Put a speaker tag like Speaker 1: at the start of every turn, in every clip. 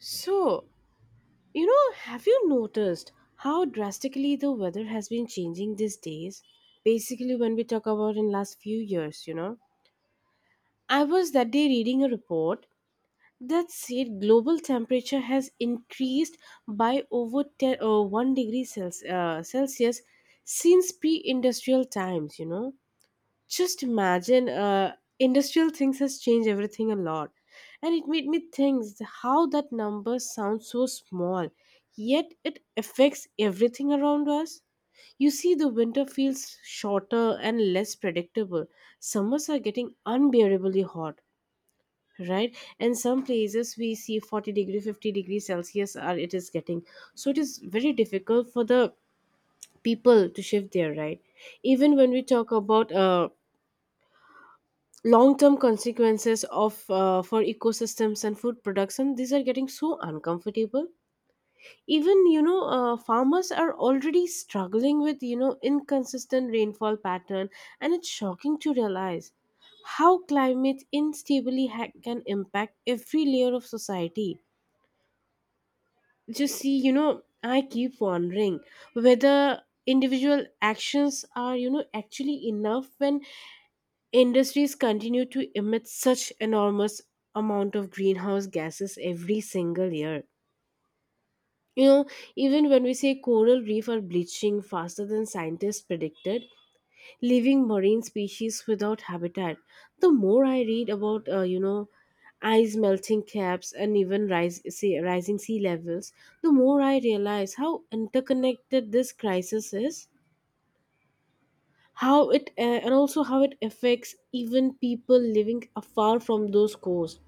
Speaker 1: So, have you noticed how drastically the weather has been changing these days? Basically, when we talk about in last few years, I was that day reading a report that said global temperature has increased by over 1 degree Celsius since pre-industrial times. Just imagine, industrial things has changed everything a lot, and it made me think how that number sounds so small yet it affects everything around us. You see, the winter feels shorter and less predictable. Summers are getting unbearably hot, right? And some places we see 40 degree 50-degree celsius, are it is getting, so it is very difficult for the people to shift there, right? Even when we talk about long-term consequences of, for ecosystems and food production, these are getting so uncomfortable. Even farmers are already struggling with inconsistent rainfall pattern, and it's shocking to realize how climate instability can impact every layer of society. Just see, I keep wondering whether individual actions are actually enough when Industries continue to emit such enormous amount of greenhouse gases every single year. You know, even when we say coral reef are bleaching faster than scientists predicted, leaving marine species without habitat. The more I read about, ice melting caps and even rising sea levels, the more I realize how interconnected this crisis is, how it and also how it affects even people living afar from those cores.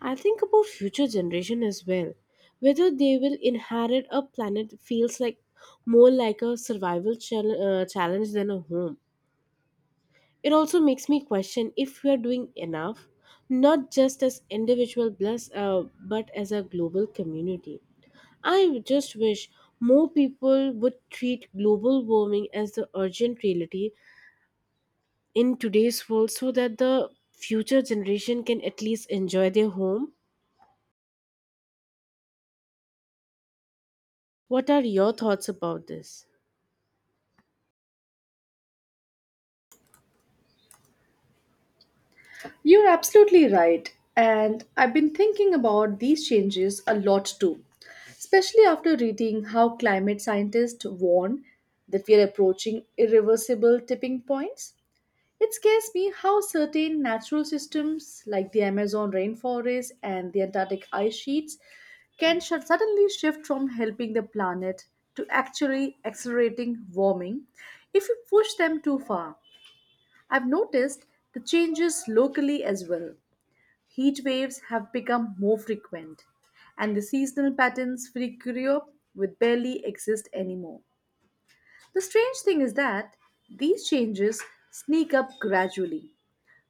Speaker 1: I think about future generation as well, whether they will inherit a planet feels like more like a survival challenge than a home. It also makes me question if we are doing enough, not just as individual plus, but as a global community. I just wish more people would treat global warming as the urgent reality in today's world so that the future generation can at least enjoy their home. What are your thoughts about this?
Speaker 2: You're absolutely right. And I've been thinking about these changes a lot too, especially after reading how climate scientists warn that we are approaching irreversible tipping points. It scares me how certain natural systems like the Amazon rainforest and the Antarctic ice sheets can suddenly shift from helping the planet to actually accelerating warming if we push them too far. I've noticed the changes locally as well. Heat waves have become more frequent, and the seasonal patterns freak up with barely exist anymore. The strange thing is that these changes sneak up gradually.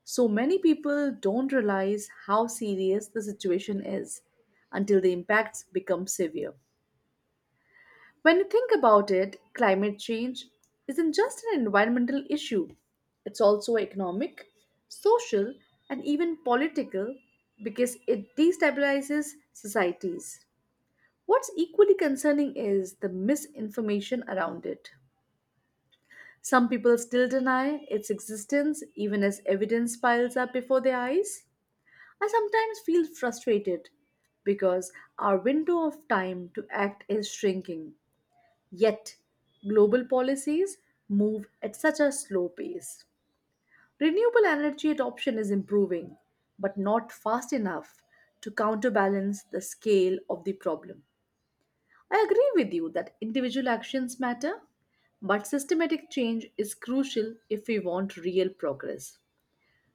Speaker 2: So many people don't realize how serious the situation is until the impacts become severe. When you think about it, climate change isn't just an environmental issue, it's also economic, social, and even political because it destabilizes societies. What's equally concerning is the misinformation around it. Some people still deny its existence even as evidence piles up before their eyes. I sometimes feel frustrated because our window of time to act is shrinking. Yet, global policies move at such a slow pace. Renewable energy adoption is improving, but not fast enough to counterbalance the scale of the problem. I agree with you that individual actions matter, but systematic change is crucial if we want real progress.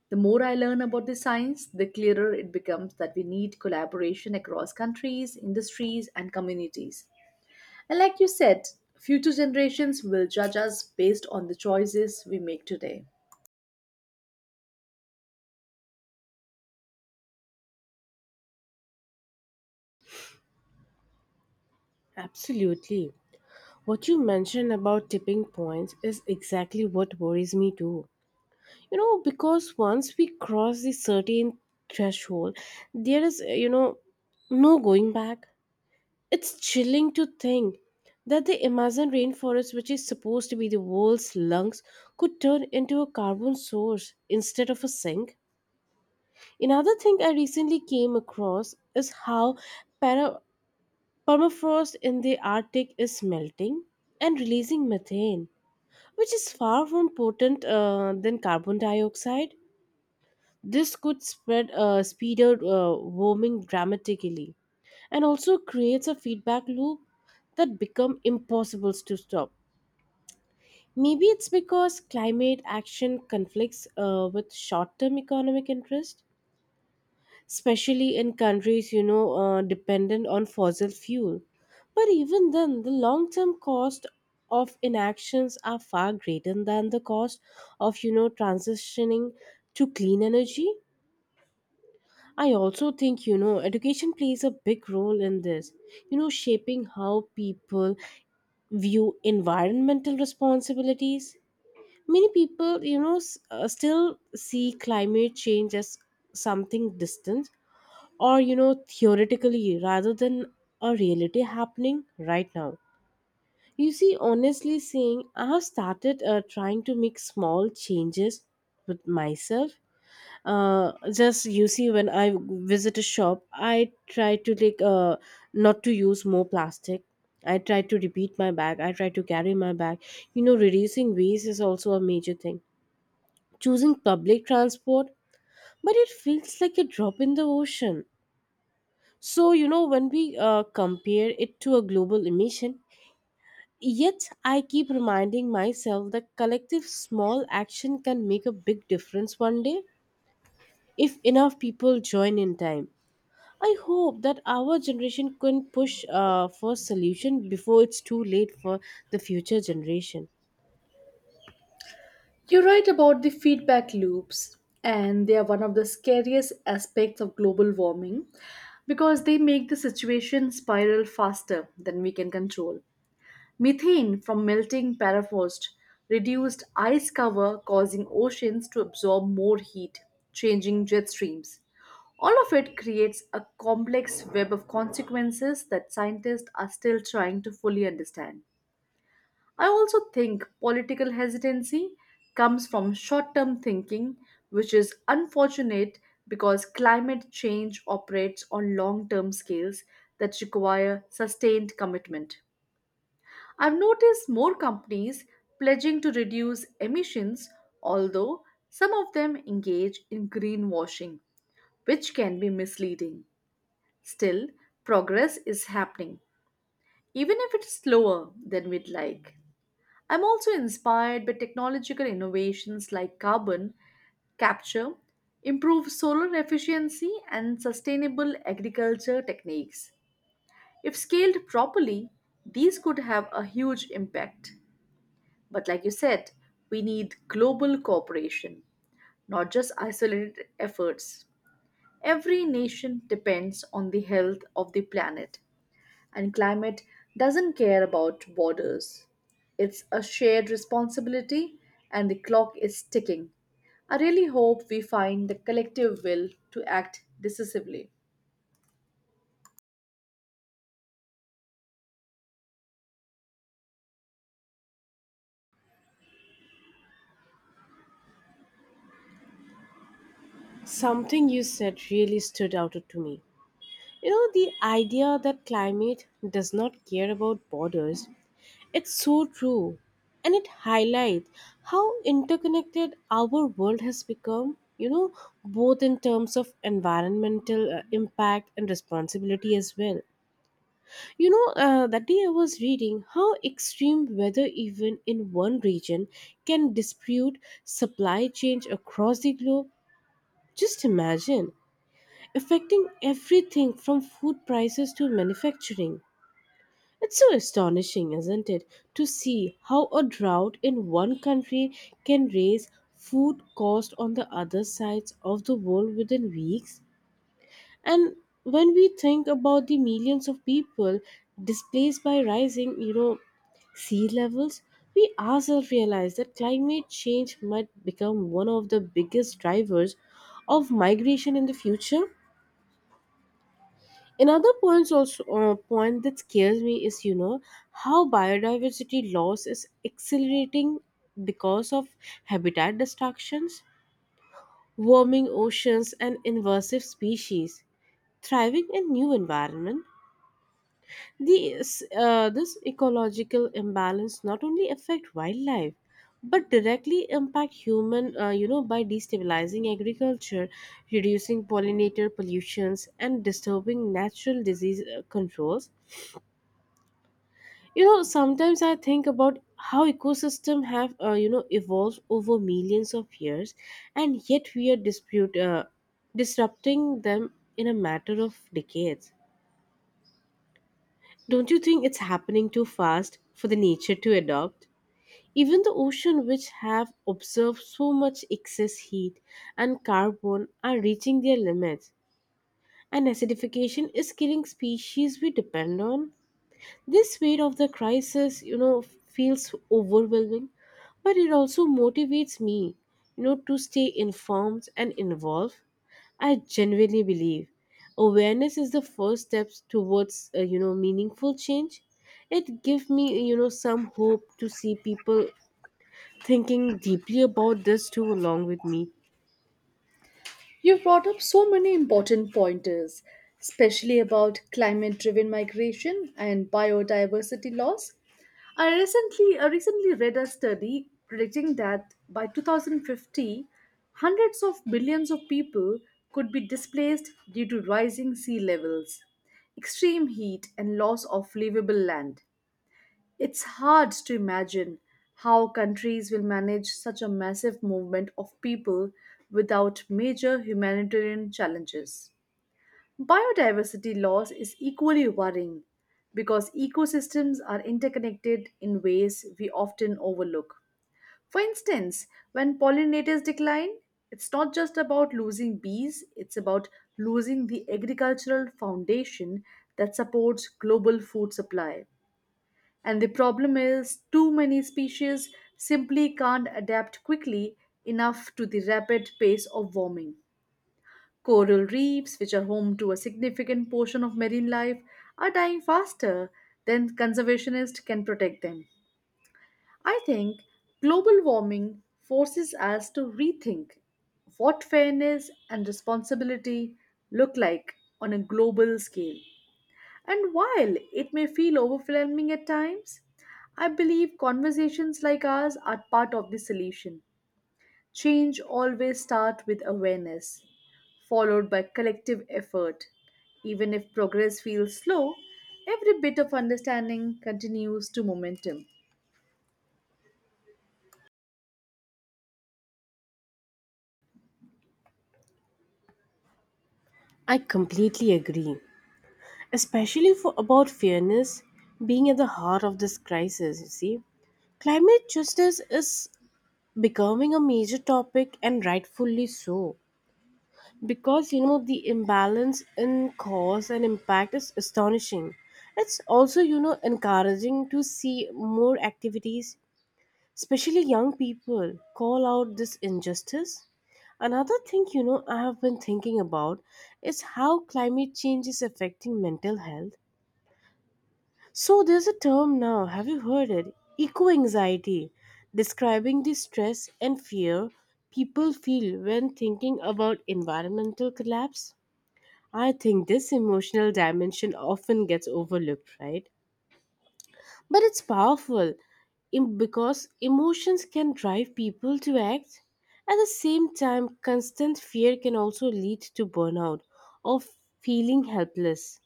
Speaker 2: The more I learn about the science, the clearer it becomes that we need collaboration across countries, industries, and communities. And like you said, future generations will judge us based on the choices we make today.
Speaker 1: Absolutely. What you mentioned about tipping points is exactly what worries me too. You know, because once we cross the certain threshold, there is, no going back. It's chilling to think that the Amazon rainforest, which is supposed to be the world's lungs, could turn into a carbon source instead of a sink. Another thing I recently came across is how para- permafrost in the Arctic is melting and releasing methane, which is far more potent than carbon dioxide. This could spread speed out warming dramatically, and also creates a feedback loop that become impossible to stop. Maybe it's because climate action conflicts with short-term economic interest, especially in countries dependent on fossil fuel, but even then the long term cost of inactions are far greater than the cost of transitioning to clean energy. I also think education plays a big role in this, shaping how people view environmental responsibilities. Many people still see climate change as something distant or theoretically rather than a reality happening right now. You see, honestly saying, I have started trying to make small changes with myself. Just you see, when I visit a shop I try to like, not to use more plastic. I try to repeat my bag, I try to carry my bag. You know, reducing waste is also a major thing, choosing public transport, but it feels like a drop in the ocean. So, when we compare it to a global emission, yet I keep reminding myself that collective small action can make a big difference one day if enough people join in time. I hope that our generation can push for solution before it's too late for the future generation.
Speaker 2: You're right about the feedback loops, and they are one of the scariest aspects of global warming because they make the situation spiral faster than we can control. Methane from melting permafrost reduced ice cover, causing oceans to absorb more heat, changing jet streams. All of it creates a complex web of consequences that scientists are still trying to fully understand. I also think political hesitancy comes from short term thinking, which is unfortunate because climate change operates on long term scales that require sustained commitment. I've noticed more companies pledging to reduce emissions, although some of them engage in greenwashing, which can be misleading. Still, progress is happening, even if it's slower than we'd like. I'm also inspired by technological innovations like carbon capture, improved solar efficiency, and sustainable agriculture techniques. If scaled properly, these could have a huge impact. But like you said, we need global cooperation, not just isolated efforts. Every nation depends on the health of the planet, and climate doesn't care about borders. It's a shared responsibility, and the clock is ticking. I really hope we find the collective will to act decisively.
Speaker 1: Something you said really stood out to me. You know, the idea that climate does not care about borders. It's so true. And it highlights how interconnected our world has become, both in terms of environmental impact and responsibility as well. That day I was reading how extreme weather, even in one region, can dispute supply chains across the globe. Just imagine, affecting everything from food prices to manufacturing. It's so astonishing, isn't it, to see how a drought in one country can raise food cost on the other sides of the world within weeks? And when we think about the millions of people displaced by rising, sea levels, we ourselves realize that climate change might become one of the biggest drivers of migration in the future. Another points also point that scares me is how biodiversity loss is accelerating because of habitat destructions, warming oceans, and invasive species thriving in new environment. This ecological imbalance not only affect wildlife but directly impact human by destabilizing agriculture, reducing pollinator pollutions and disturbing natural disease controls. You know, sometimes I think about how ecosystem have evolved over millions of years, and yet we are dispute disrupting them in a matter of decades. Don't you think it's happening too fast for the nature to adopt? Even the ocean which have observed so much excess heat and carbon are reaching their limits, and acidification is killing species we depend on. This weight of the crisis, feels overwhelming, but it also motivates me, to stay informed and involved. I genuinely believe awareness is the first step towards, meaningful change. It gives me, some hope to see people thinking deeply about this too along with me.
Speaker 2: You've brought up so many important pointers, especially about climate driven migration and biodiversity loss. I recently read a study predicting that by 2050, hundreds of millions of people could be displaced due to rising sea levels, extreme heat, and loss of livable land. It's hard to imagine how countries will manage such a massive movement of people without major humanitarian challenges. Biodiversity loss is equally worrying because ecosystems are interconnected in ways we often overlook. For instance, when pollinators decline, it's not just about losing bees, it's about losing the agricultural foundation that supports global food supply. And the problem is, too many species simply can't adapt quickly enough to the rapid pace of warming. Coral reefs, which are home to a significant portion of marine life, are dying faster than conservationists can protect them. I think global warming forces us to rethink what fairness and responsibility look like on a global scale. And while it may feel overwhelming at times, I believe conversations like ours are part of the solution. Change always starts with awareness, followed by collective effort. Even if progress feels slow, every bit of understanding continues to momentum.
Speaker 1: I completely agree, especially for about fairness being at the heart of this crisis, you see. Climate justice is becoming a major topic and rightfully so, because the imbalance in cause and impact is astonishing. It's also encouraging to see more activities, especially young people call out this injustice. Another thing I have been thinking about is how climate change is affecting mental health. So there's a term now, have you heard it? Eco anxiety, describing the stress and fear people feel when thinking about environmental collapse. I think this emotional dimension often gets overlooked, right? But it's powerful, because emotions can drive people to act. At the same time, constant fear can also lead to burnout or feeling helpless,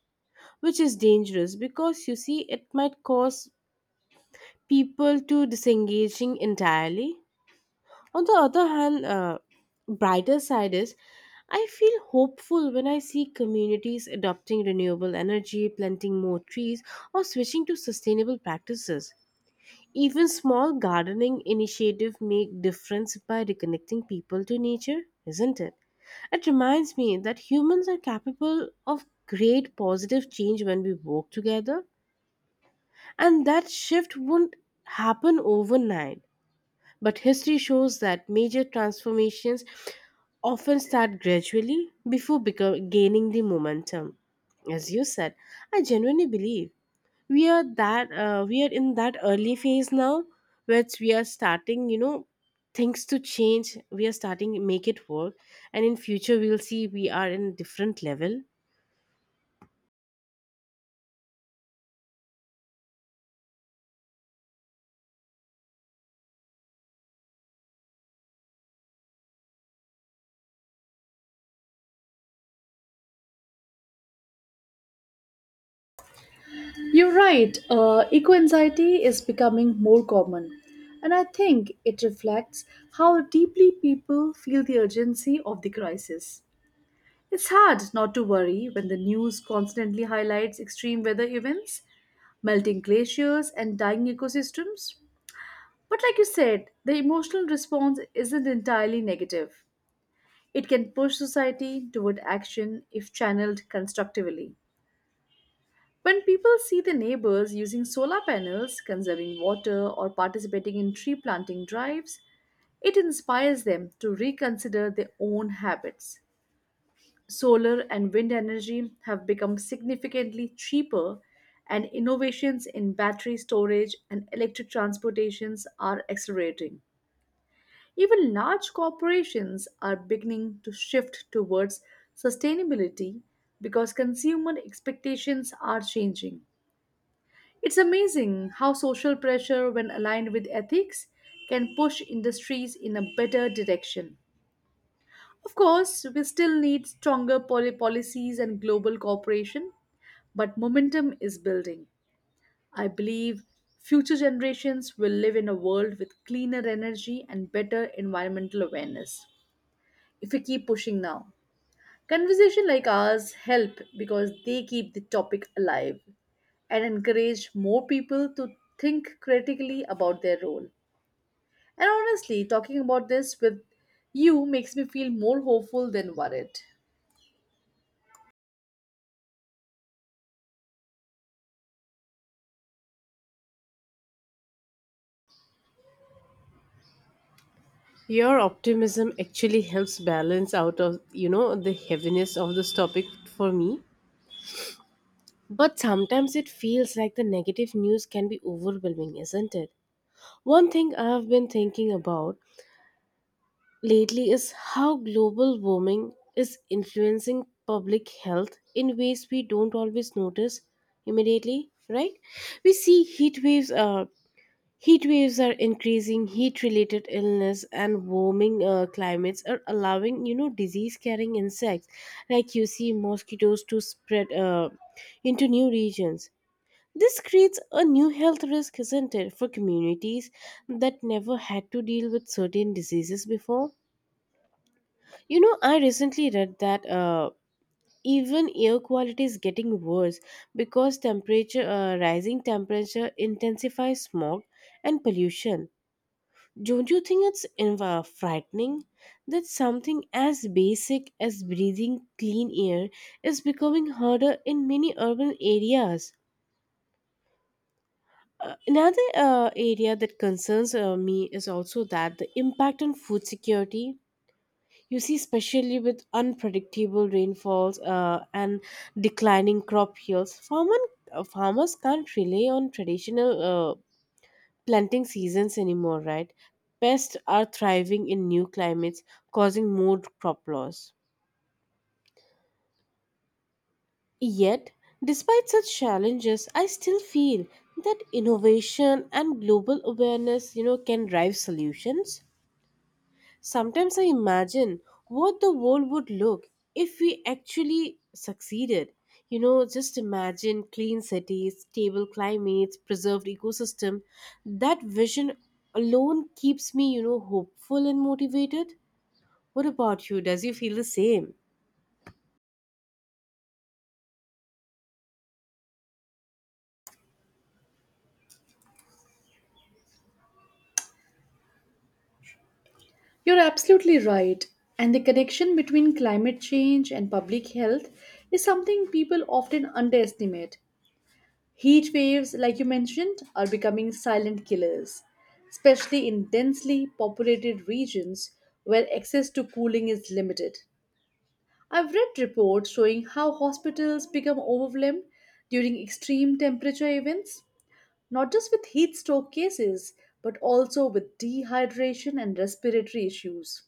Speaker 1: which is dangerous because you see it might cause people to disengaging entirely. On the other hand, brighter side is I feel hopeful when I see communities adopting renewable energy, planting more trees, or switching to sustainable practices. Even small gardening initiatives make difference by reconnecting people to nature, isn't it? It reminds me that humans are capable of great positive change when we work together, and that shift won't happen overnight. But history shows that major transformations often start gradually before become, gaining the momentum. As you said, I genuinely believe we are in that early phase now, where we are starting, things to change. We are starting make it work, and in future we'll see we are in different level.
Speaker 2: You're right, eco anxiety is becoming more common, and I think it reflects how deeply people feel the urgency of the crisis. It's hard not to worry when the news constantly highlights extreme weather events, melting glaciers, and dying ecosystems. But, like you said, the emotional response isn't entirely negative. It can push society toward action if channeled constructively. When people see their neighbors using solar panels, conserving water, or participating in tree planting drives, it inspires them to reconsider their own habits. Solar and wind energy have become significantly cheaper, and innovations in battery storage and electric transportations are accelerating. Even large corporations are beginning to shift towards sustainability because consumer expectations are changing. It's amazing how social pressure, when aligned with ethics, can push industries in a better direction. Of course, we still need stronger policies and global cooperation, but momentum is building. I believe future generations will live in a world with cleaner energy and better environmental awareness if we keep pushing now. Conversation like ours help because they keep the topic alive and encourage more people to think critically about their role. And honestly, talking about this with you makes me feel more hopeful than worried.
Speaker 1: Your optimism actually helps balance out of the heaviness of this topic for me. But sometimes it feels like the negative news can be overwhelming, isn't it? One thing I've been thinking about lately is how global warming is influencing public health in ways we don't always notice immediately, right? We see heat waves are increasing, heat related illness, and warming climates are allowing, disease carrying insects like you see mosquitoes to spread into new regions. This creates a new health risk, isn't it, for communities that never had to deal with certain diseases before? You know, I recently read that even air quality is getting worse because rising temperature intensifies smog and pollution. Don't you think it's frightening that something as basic as breathing clean air is becoming harder in many urban areas? Another area that concerns me is also that the impact on food security. You see, especially with unpredictable rainfalls and declining crop yields, farmers can't rely on traditional planting seasons anymore, right? Pests are thriving in new climates, causing more crop loss, yet despite such challenges I still feel that innovation and global awareness can drive solutions. Sometimes I imagine what the world would look if we actually succeeded. You know, just imagine clean cities, stable climates, preserved ecosystem. That vision alone keeps me, hopeful and motivated. What about you? Does you feel the same?
Speaker 2: You're absolutely right. And the connection between climate change and public health is something people often underestimate. Heat waves, like you mentioned, are becoming silent killers, especially in densely populated regions where access to cooling is limited. I've read reports showing how hospitals become overwhelmed during extreme temperature events, not just with heat stroke cases, but also with dehydration and respiratory issues.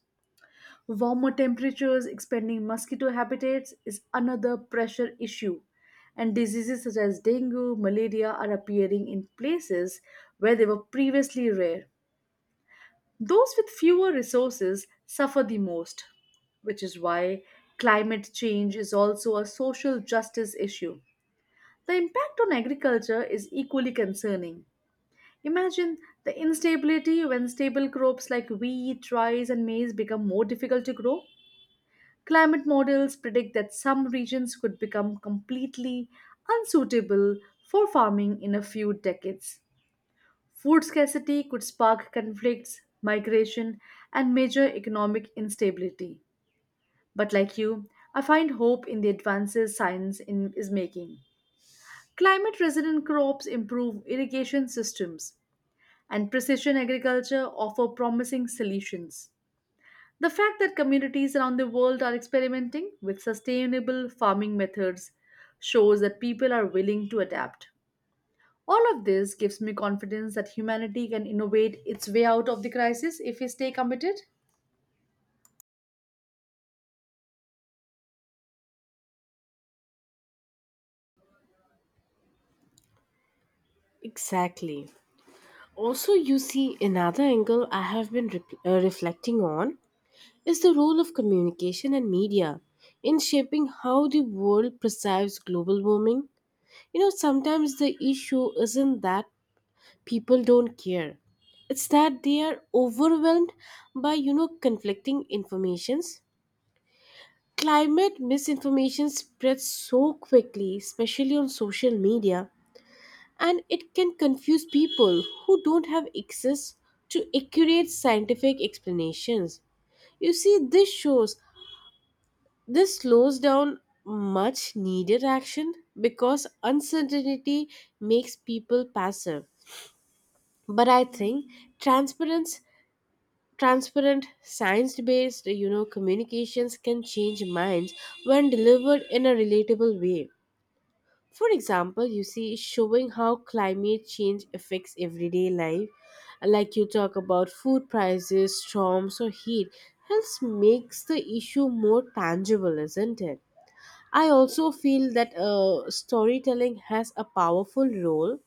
Speaker 2: Warmer temperatures expanding mosquito habitats is another pressure issue, and diseases such as dengue, malaria are appearing in places where they were previously rare. Those with fewer resources suffer the most, which is why climate change is also a social justice issue. The impact on agriculture is equally concerning. Imagine the instability when stable crops like wheat, rice, and maize become. More difficult to grow Climate models predict that some regions could become completely unsuitable for farming in a few decades. Food scarcity could spark conflicts, migration, and major economic instability. But like you, I find hope in the advances science in, is making. Climate resilient crops improve irrigation systems, and precision agriculture offer promising solutions. The fact that communities around the world are experimenting with sustainable farming methods shows that people are willing to adapt. All of this gives me confidence that humanity can innovate its way out of the crisis if we stay committed.
Speaker 1: Exactly. Also, you see, another angle I have been reflecting on is the role of communication and media in shaping how the world perceives global warming. You know, sometimes the issue isn't that people don't care. It's that they are overwhelmed by, conflicting informations. Climate misinformation spreads so quickly, especially on social media, and it can confuse people who don't have access to accurate scientific explanations. You see, this shows this slows down much needed action because uncertainty makes people passive. But I think transparent transparent, science based communications can change minds when delivered in a relatable way. For example, you see, showing how climate change affects everyday life, like you talk about food prices, storms, or heat, helps makes the issue more tangible, isn't it? I also feel that storytelling has a powerful role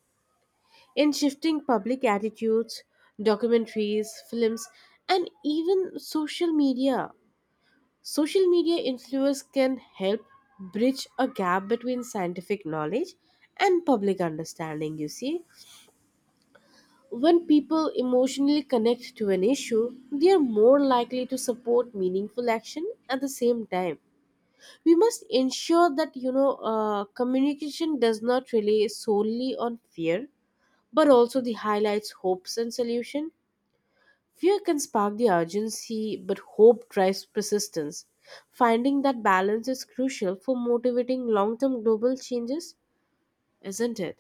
Speaker 1: in shifting public attitudes, documentaries, films, and even social media influence can help bridge a gap between scientific knowledge and public understanding, you see. When people emotionally connect to an issue, they are more likely to support meaningful action at the same time. We must ensure that communication does not rely solely on fear, but also the highlights hopes and solution. Fear can spark the urgency, but hope drives persistence. Finding that balance is crucial for motivating long term global changes, isn't it?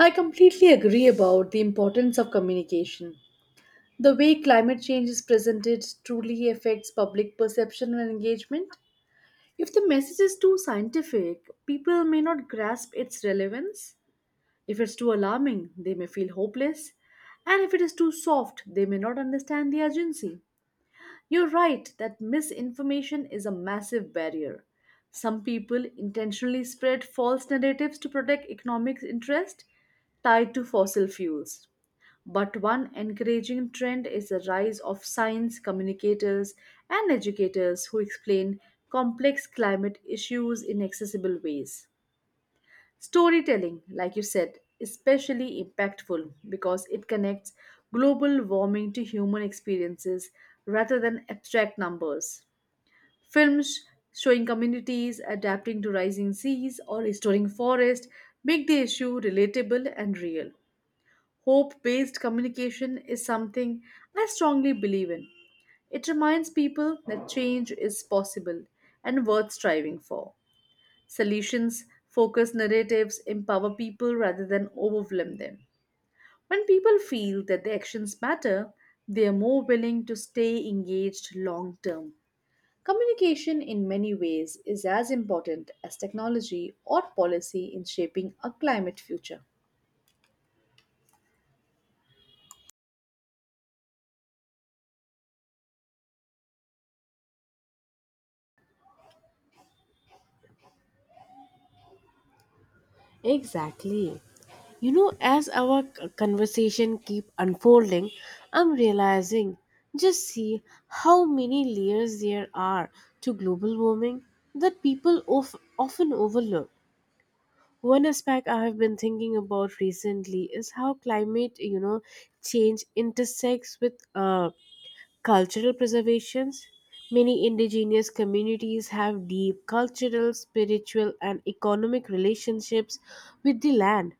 Speaker 2: I completely agree about the importance of communication. The way climate change is presented truly affects public perception and engagement. If the message is too scientific, people may not grasp its relevance. If it's too alarming, they may feel hopeless, and if it is too soft, they may not understand the urgency. You're right that misinformation is a massive barrier. Some people intentionally spread false narratives to protect economic interest tied to fossil fuels. But one encouraging trend is the rise of science communicators and educators who explain complex climate issues in accessible ways. Storytelling, like you said, is especially impactful because it connects global warming to human experiences rather than abstract numbers. Films showing communities adapting to rising seas or restoring forests make the issue relatable and real. Hope based communication is something I strongly believe in. It reminds people that change is possible and worth striving for solutions focused narratives empower people rather than overwhelm them. When people feel that their actions matter, they are more willing to stay engaged long term. Communication, in many ways, is as important as technology or policy in shaping a climate future.
Speaker 1: Exactly. You know, as conversation keep unfolding, I'm realizing, just see, how many layers there are to global warming that often overlook. One aspect I have been thinking about recently is how climate change intersects with cultural preservations. Many indigenous communities have deep cultural, spiritual, and economic relationships with the land.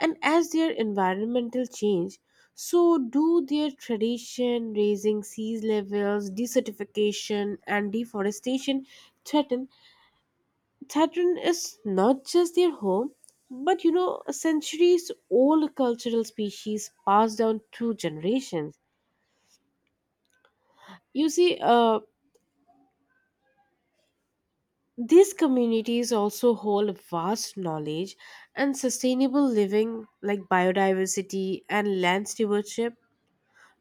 Speaker 1: And as their environmental change, so do their tradition, raising sea levels, desertification, and deforestation threaten Saturn is not just their home, but, a centuries old cultural species passed down through generations. You see, these communities also hold vast knowledge and sustainable living like biodiversity and land stewardship,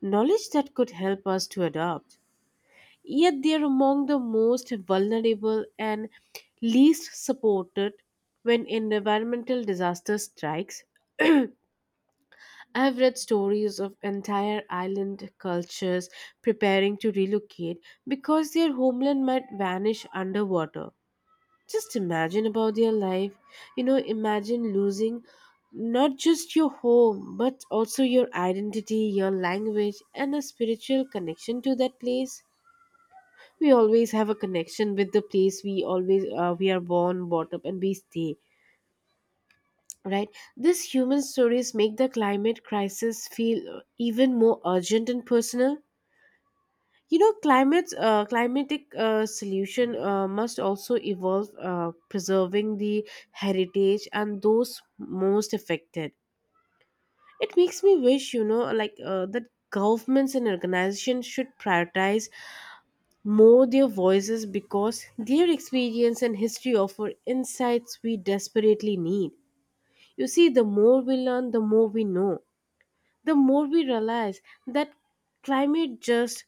Speaker 1: knowledge that could help us to adopt. Yet they are among the most vulnerable and least supported when environmental disaster strikes. I've read stories of entire island cultures preparing to relocate because their homeland might vanish underwater. Just imagine about their life. You know, imagine losing not just your home, but also your identity, your language, and a spiritual connection to that place. We always have a connection with the place we always we are born, brought up, and we stay, right? These human stories make the climate crisis feel even more urgent and personal. You know, climate climatic solution must also evolve preserving the heritage and those most affected. It makes me wish, that governments and organizations should prioritize more their voices because their experience and history offer insights we desperately need. You see, the more we learn, the more we know, the more we realize that climate just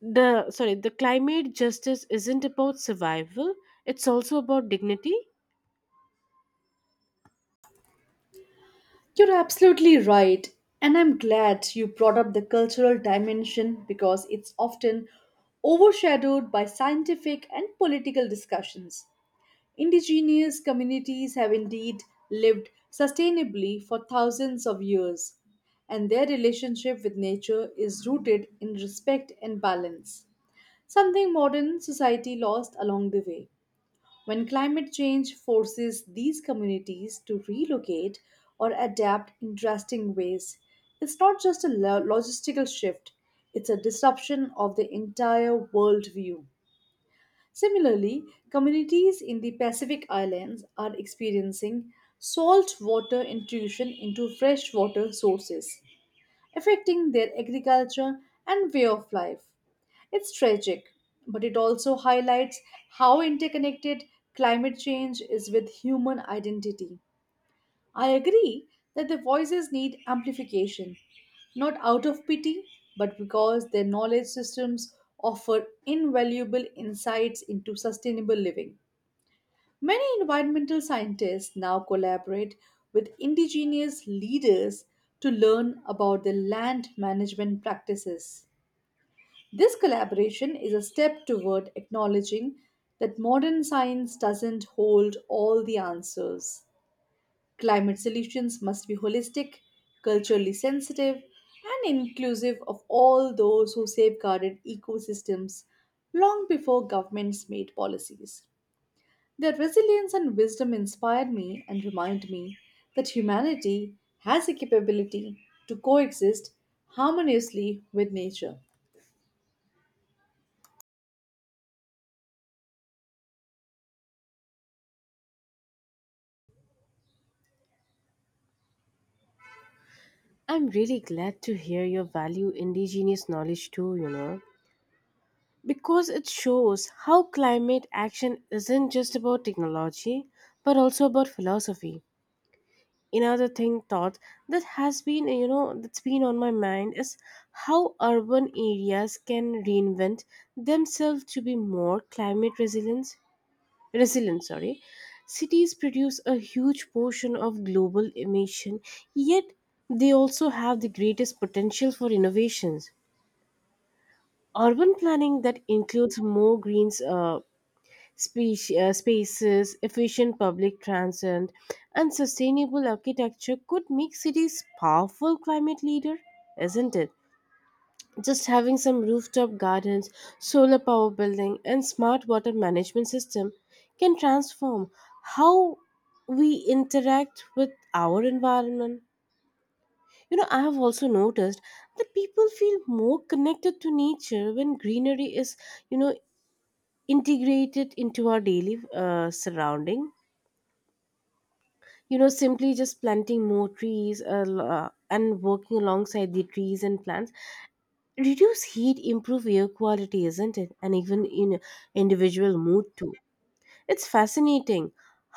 Speaker 1: the sorry the climate justice isn't about survival, it's also about dignity.
Speaker 2: You're absolutely right, and I'm glad you brought up the cultural dimension because it's often overshadowed by scientific and political discussions. Indigenous communities have indeed lived sustainably for thousands of years, and their relationship with nature is rooted in respect and balance, something modern society lost along the way. When climate change forces these communities to relocate or adapt in drastic ways, it's not just a logistical shift, it's a disruption of the entire worldview. Similarly, communities in the Pacific Islands are experiencing saltwater intrusion into freshwater sources, affecting their agriculture and way of life. It's tragic, but it also highlights how interconnected climate change is with human identity. I agree that their voices need amplification, not out of pity, but because their knowledge systems offer invaluable insights into sustainable living. Many environmental scientists now collaborate with indigenous leaders to learn about their land management practices. This collaboration is a step toward acknowledging that modern science doesn't hold all the answers. Climate solutions must be holistic, culturally sensitive, and inclusive of all those who safeguarded ecosystems long before governments made policies. Their resilience and wisdom inspire me and remind me that humanity has a capability to coexist harmoniously with nature.
Speaker 1: I'm really glad to hear your value indigenous knowledge too, because it shows how climate action isn't just about technology but also about philosophy. Another thing thought that has been, that's been on my mind is how urban areas can reinvent themselves to be more climate resilience. Resilient, sorry. Cities produce a huge portion of global emission, yet they also have the greatest potential for innovations. Urban planning that includes more greens, spaces, efficient public transit, and sustainable architecture could make cities powerful climate leader, isn't it? Just having some rooftop gardens, solar power building, and smart water management system can transform how we interact with our environment. You know, I have also noticed that people feel more connected to nature when greenery is, you know, integrated into our daily surrounding. You know, simply just planting more trees, and working alongside the trees and plants reduce heat, improve air quality, isn't it? And even in individual mood too, it's fascinating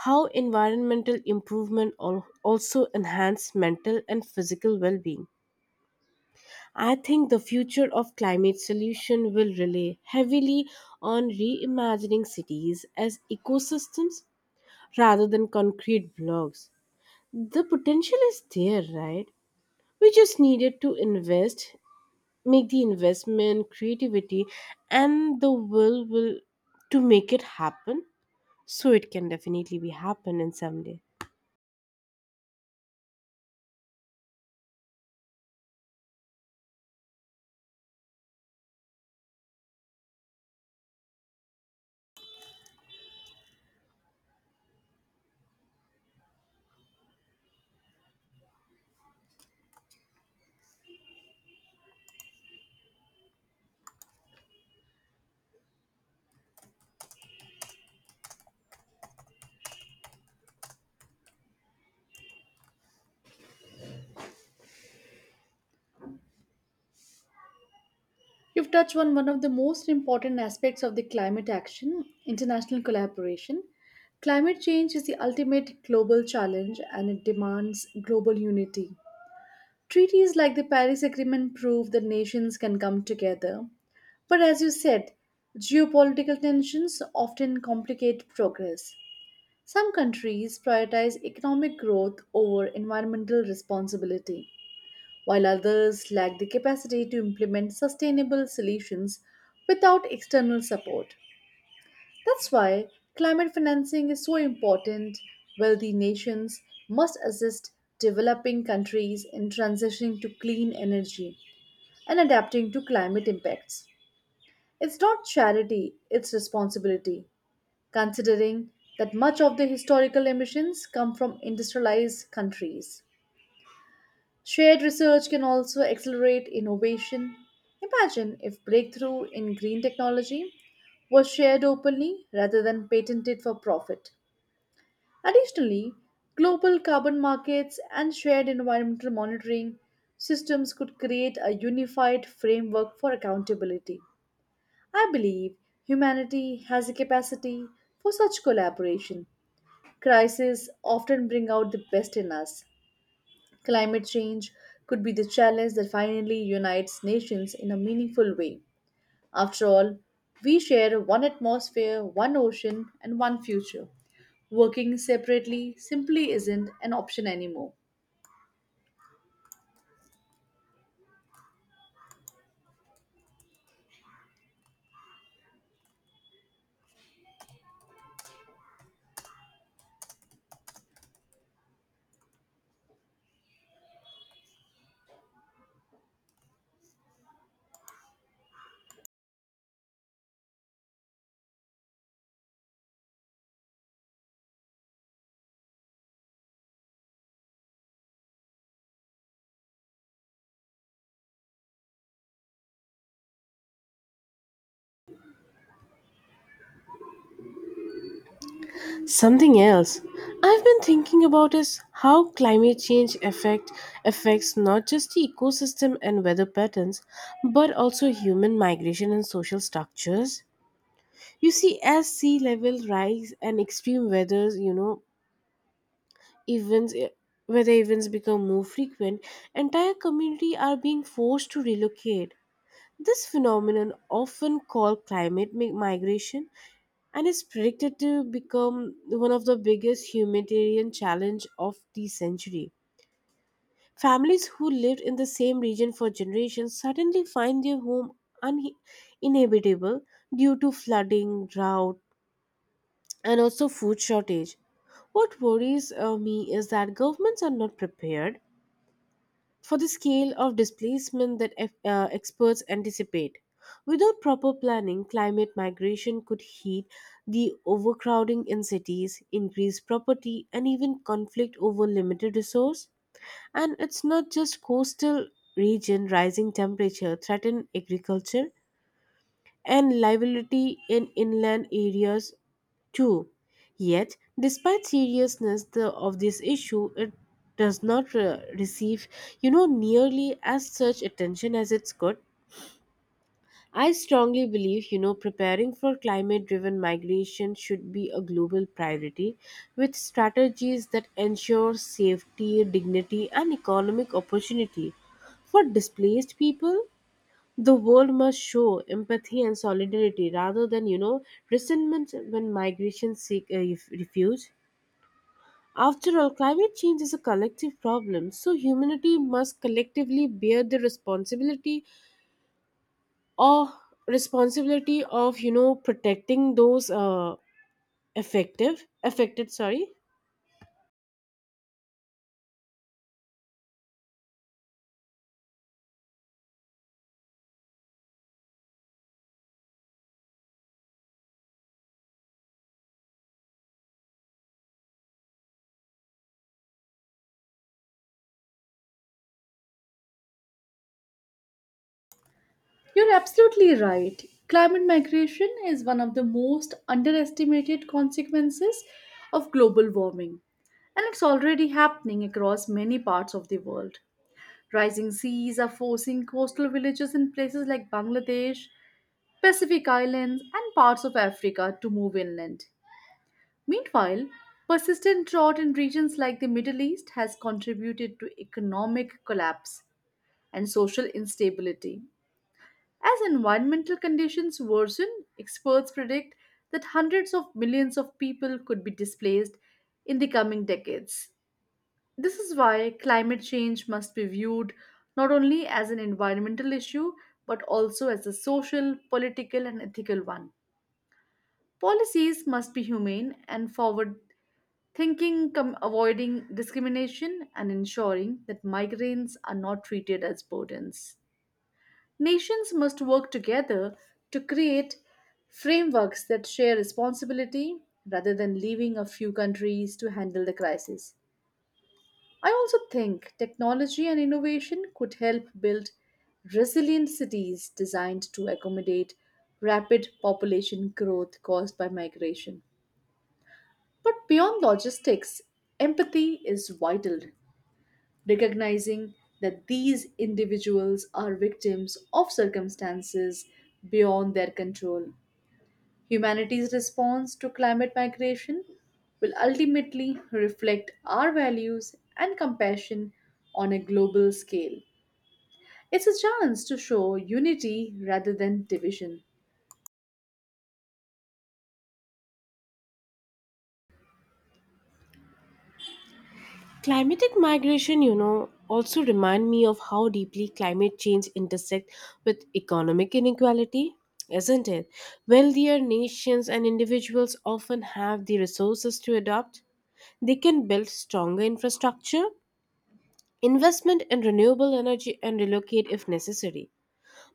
Speaker 1: how environmental improvement also enhance mental and physical well-being. I think the future of climate solution will rely heavily on reimagining cities as ecosystems rather than concrete blocks. The potential is there, right? We just needed to invest, make the investment, creativity, and the will to make it happen, so it can definitely be happen in someday.
Speaker 2: You've touched on one of the most important aspects of the climate action international collaboration. Climate change is the ultimate global challenge and it demands global unity. Treaties like the Paris Agreement prove that nations can come together. But as you said, geopolitical tensions often complicate progress. Some countries prioritize economic growth over environmental responsibility while others lack the capacity to implement sustainable solutions without external support. That's why climate financing is so important. Wealthy nations must assist developing countries in transitioning to clean energy and adapting to climate impacts. It's not charity, it's responsibility, considering that much of the historical emissions come from industrialized countries. Shared research can also accelerate innovation. Imagine if breakthrough in green technology was shared openly rather than patented for profit. Additionally, global carbon markets and shared environmental monitoring systems could create a unified framework for accountability. I believe humanity has a capacity for such collaboration. Crises often bring out the best in us. Climate change could be the challenge that finally unites nations in a meaningful way. After all, we share one atmosphere, one ocean, and one future. Working separately simply isn't an option anymore.
Speaker 1: Something else I've been thinking about is how climate change affect affects not just the ecosystem and weather patterns but also human migration and social structures. You see, as sea level rise and extreme weathers, events eh, where the events become more frequent, entire community are being forced to relocate. This phenomenon, often called migration, and is predicted to become one of the biggest humanitarian challenge of the century. Families who lived in the same region for generations suddenly find their home uninhabitable due to flooding, drought, and also food shortage. What worries me is that governments are not prepared for the scale of displacement that experts anticipate. Without proper planning, climate migration could heat the overcrowding in cities, increase property, and even conflict over limited resource. And it's not just coastal region, rising temperature threaten agriculture and liability in inland areas Two, Yet, despite of this issue, it does not receive, you know, nearly as such attention as it's could. I strongly believe, you know, preparing for climate driven migration should be a global priority with strategies that ensure safety, dignity, and economic opportunity for displaced people. The world must show empathy and solidarity rather than, you know, resentment when migration seek refuge. After all, climate change is a collective problem, so humanity must collectively bear the or responsibility of, you know, protecting those effective affected. Sorry.
Speaker 2: You're absolutely right. Climate migration is one of the most underestimated consequences of global warming, and it's already happening across many parts of the world. Rising seas are forcing coastal villages in places like Bangladesh, Pacific Islands, and parts of Africa to move inland. Meanwhile, persistent drought in regions like the Middle East has contributed to economic collapse and social instability. As environmental conditions worsen, experts predict that hundreds of millions of people could be displaced in the coming decades. This is why climate change must be viewed not only as an environmental issue but also as a social, political, and ethical one. Policies must be humane and forward thinking, avoiding discrimination and ensuring that migrants are not treated as burdens. Nations must work together to create frameworks that share responsibility rather than leaving a few countries to handle the crisis. I also think technology and innovation could help build resilient cities designed to accommodate rapid population growth caused by migration. But beyond logistics, empathy is vital. Recognizing that these individuals are victims of circumstances beyond their control. Humanity's response to climate migration will ultimately reflect our values and compassion on a global scale. It's a chance to show unity rather than division.
Speaker 1: Climatic migration, you know, also remind me of how deeply climate change intersect with economic inequality, isn't it? Wealthier nations and individuals often have the resources to adopt. They can build stronger infrastructure, investment in renewable energy, and relocate if necessary.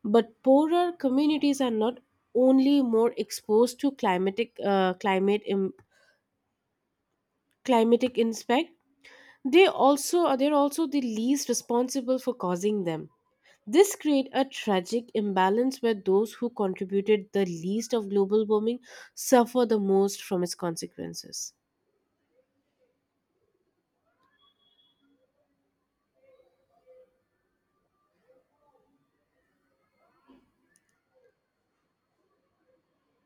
Speaker 1: But poorer communities are not only more exposed to climatic impact, they also are they're also the least responsible for causing them. This creates a tragic imbalance where those who contributed the least of global warming suffer the most from its consequences.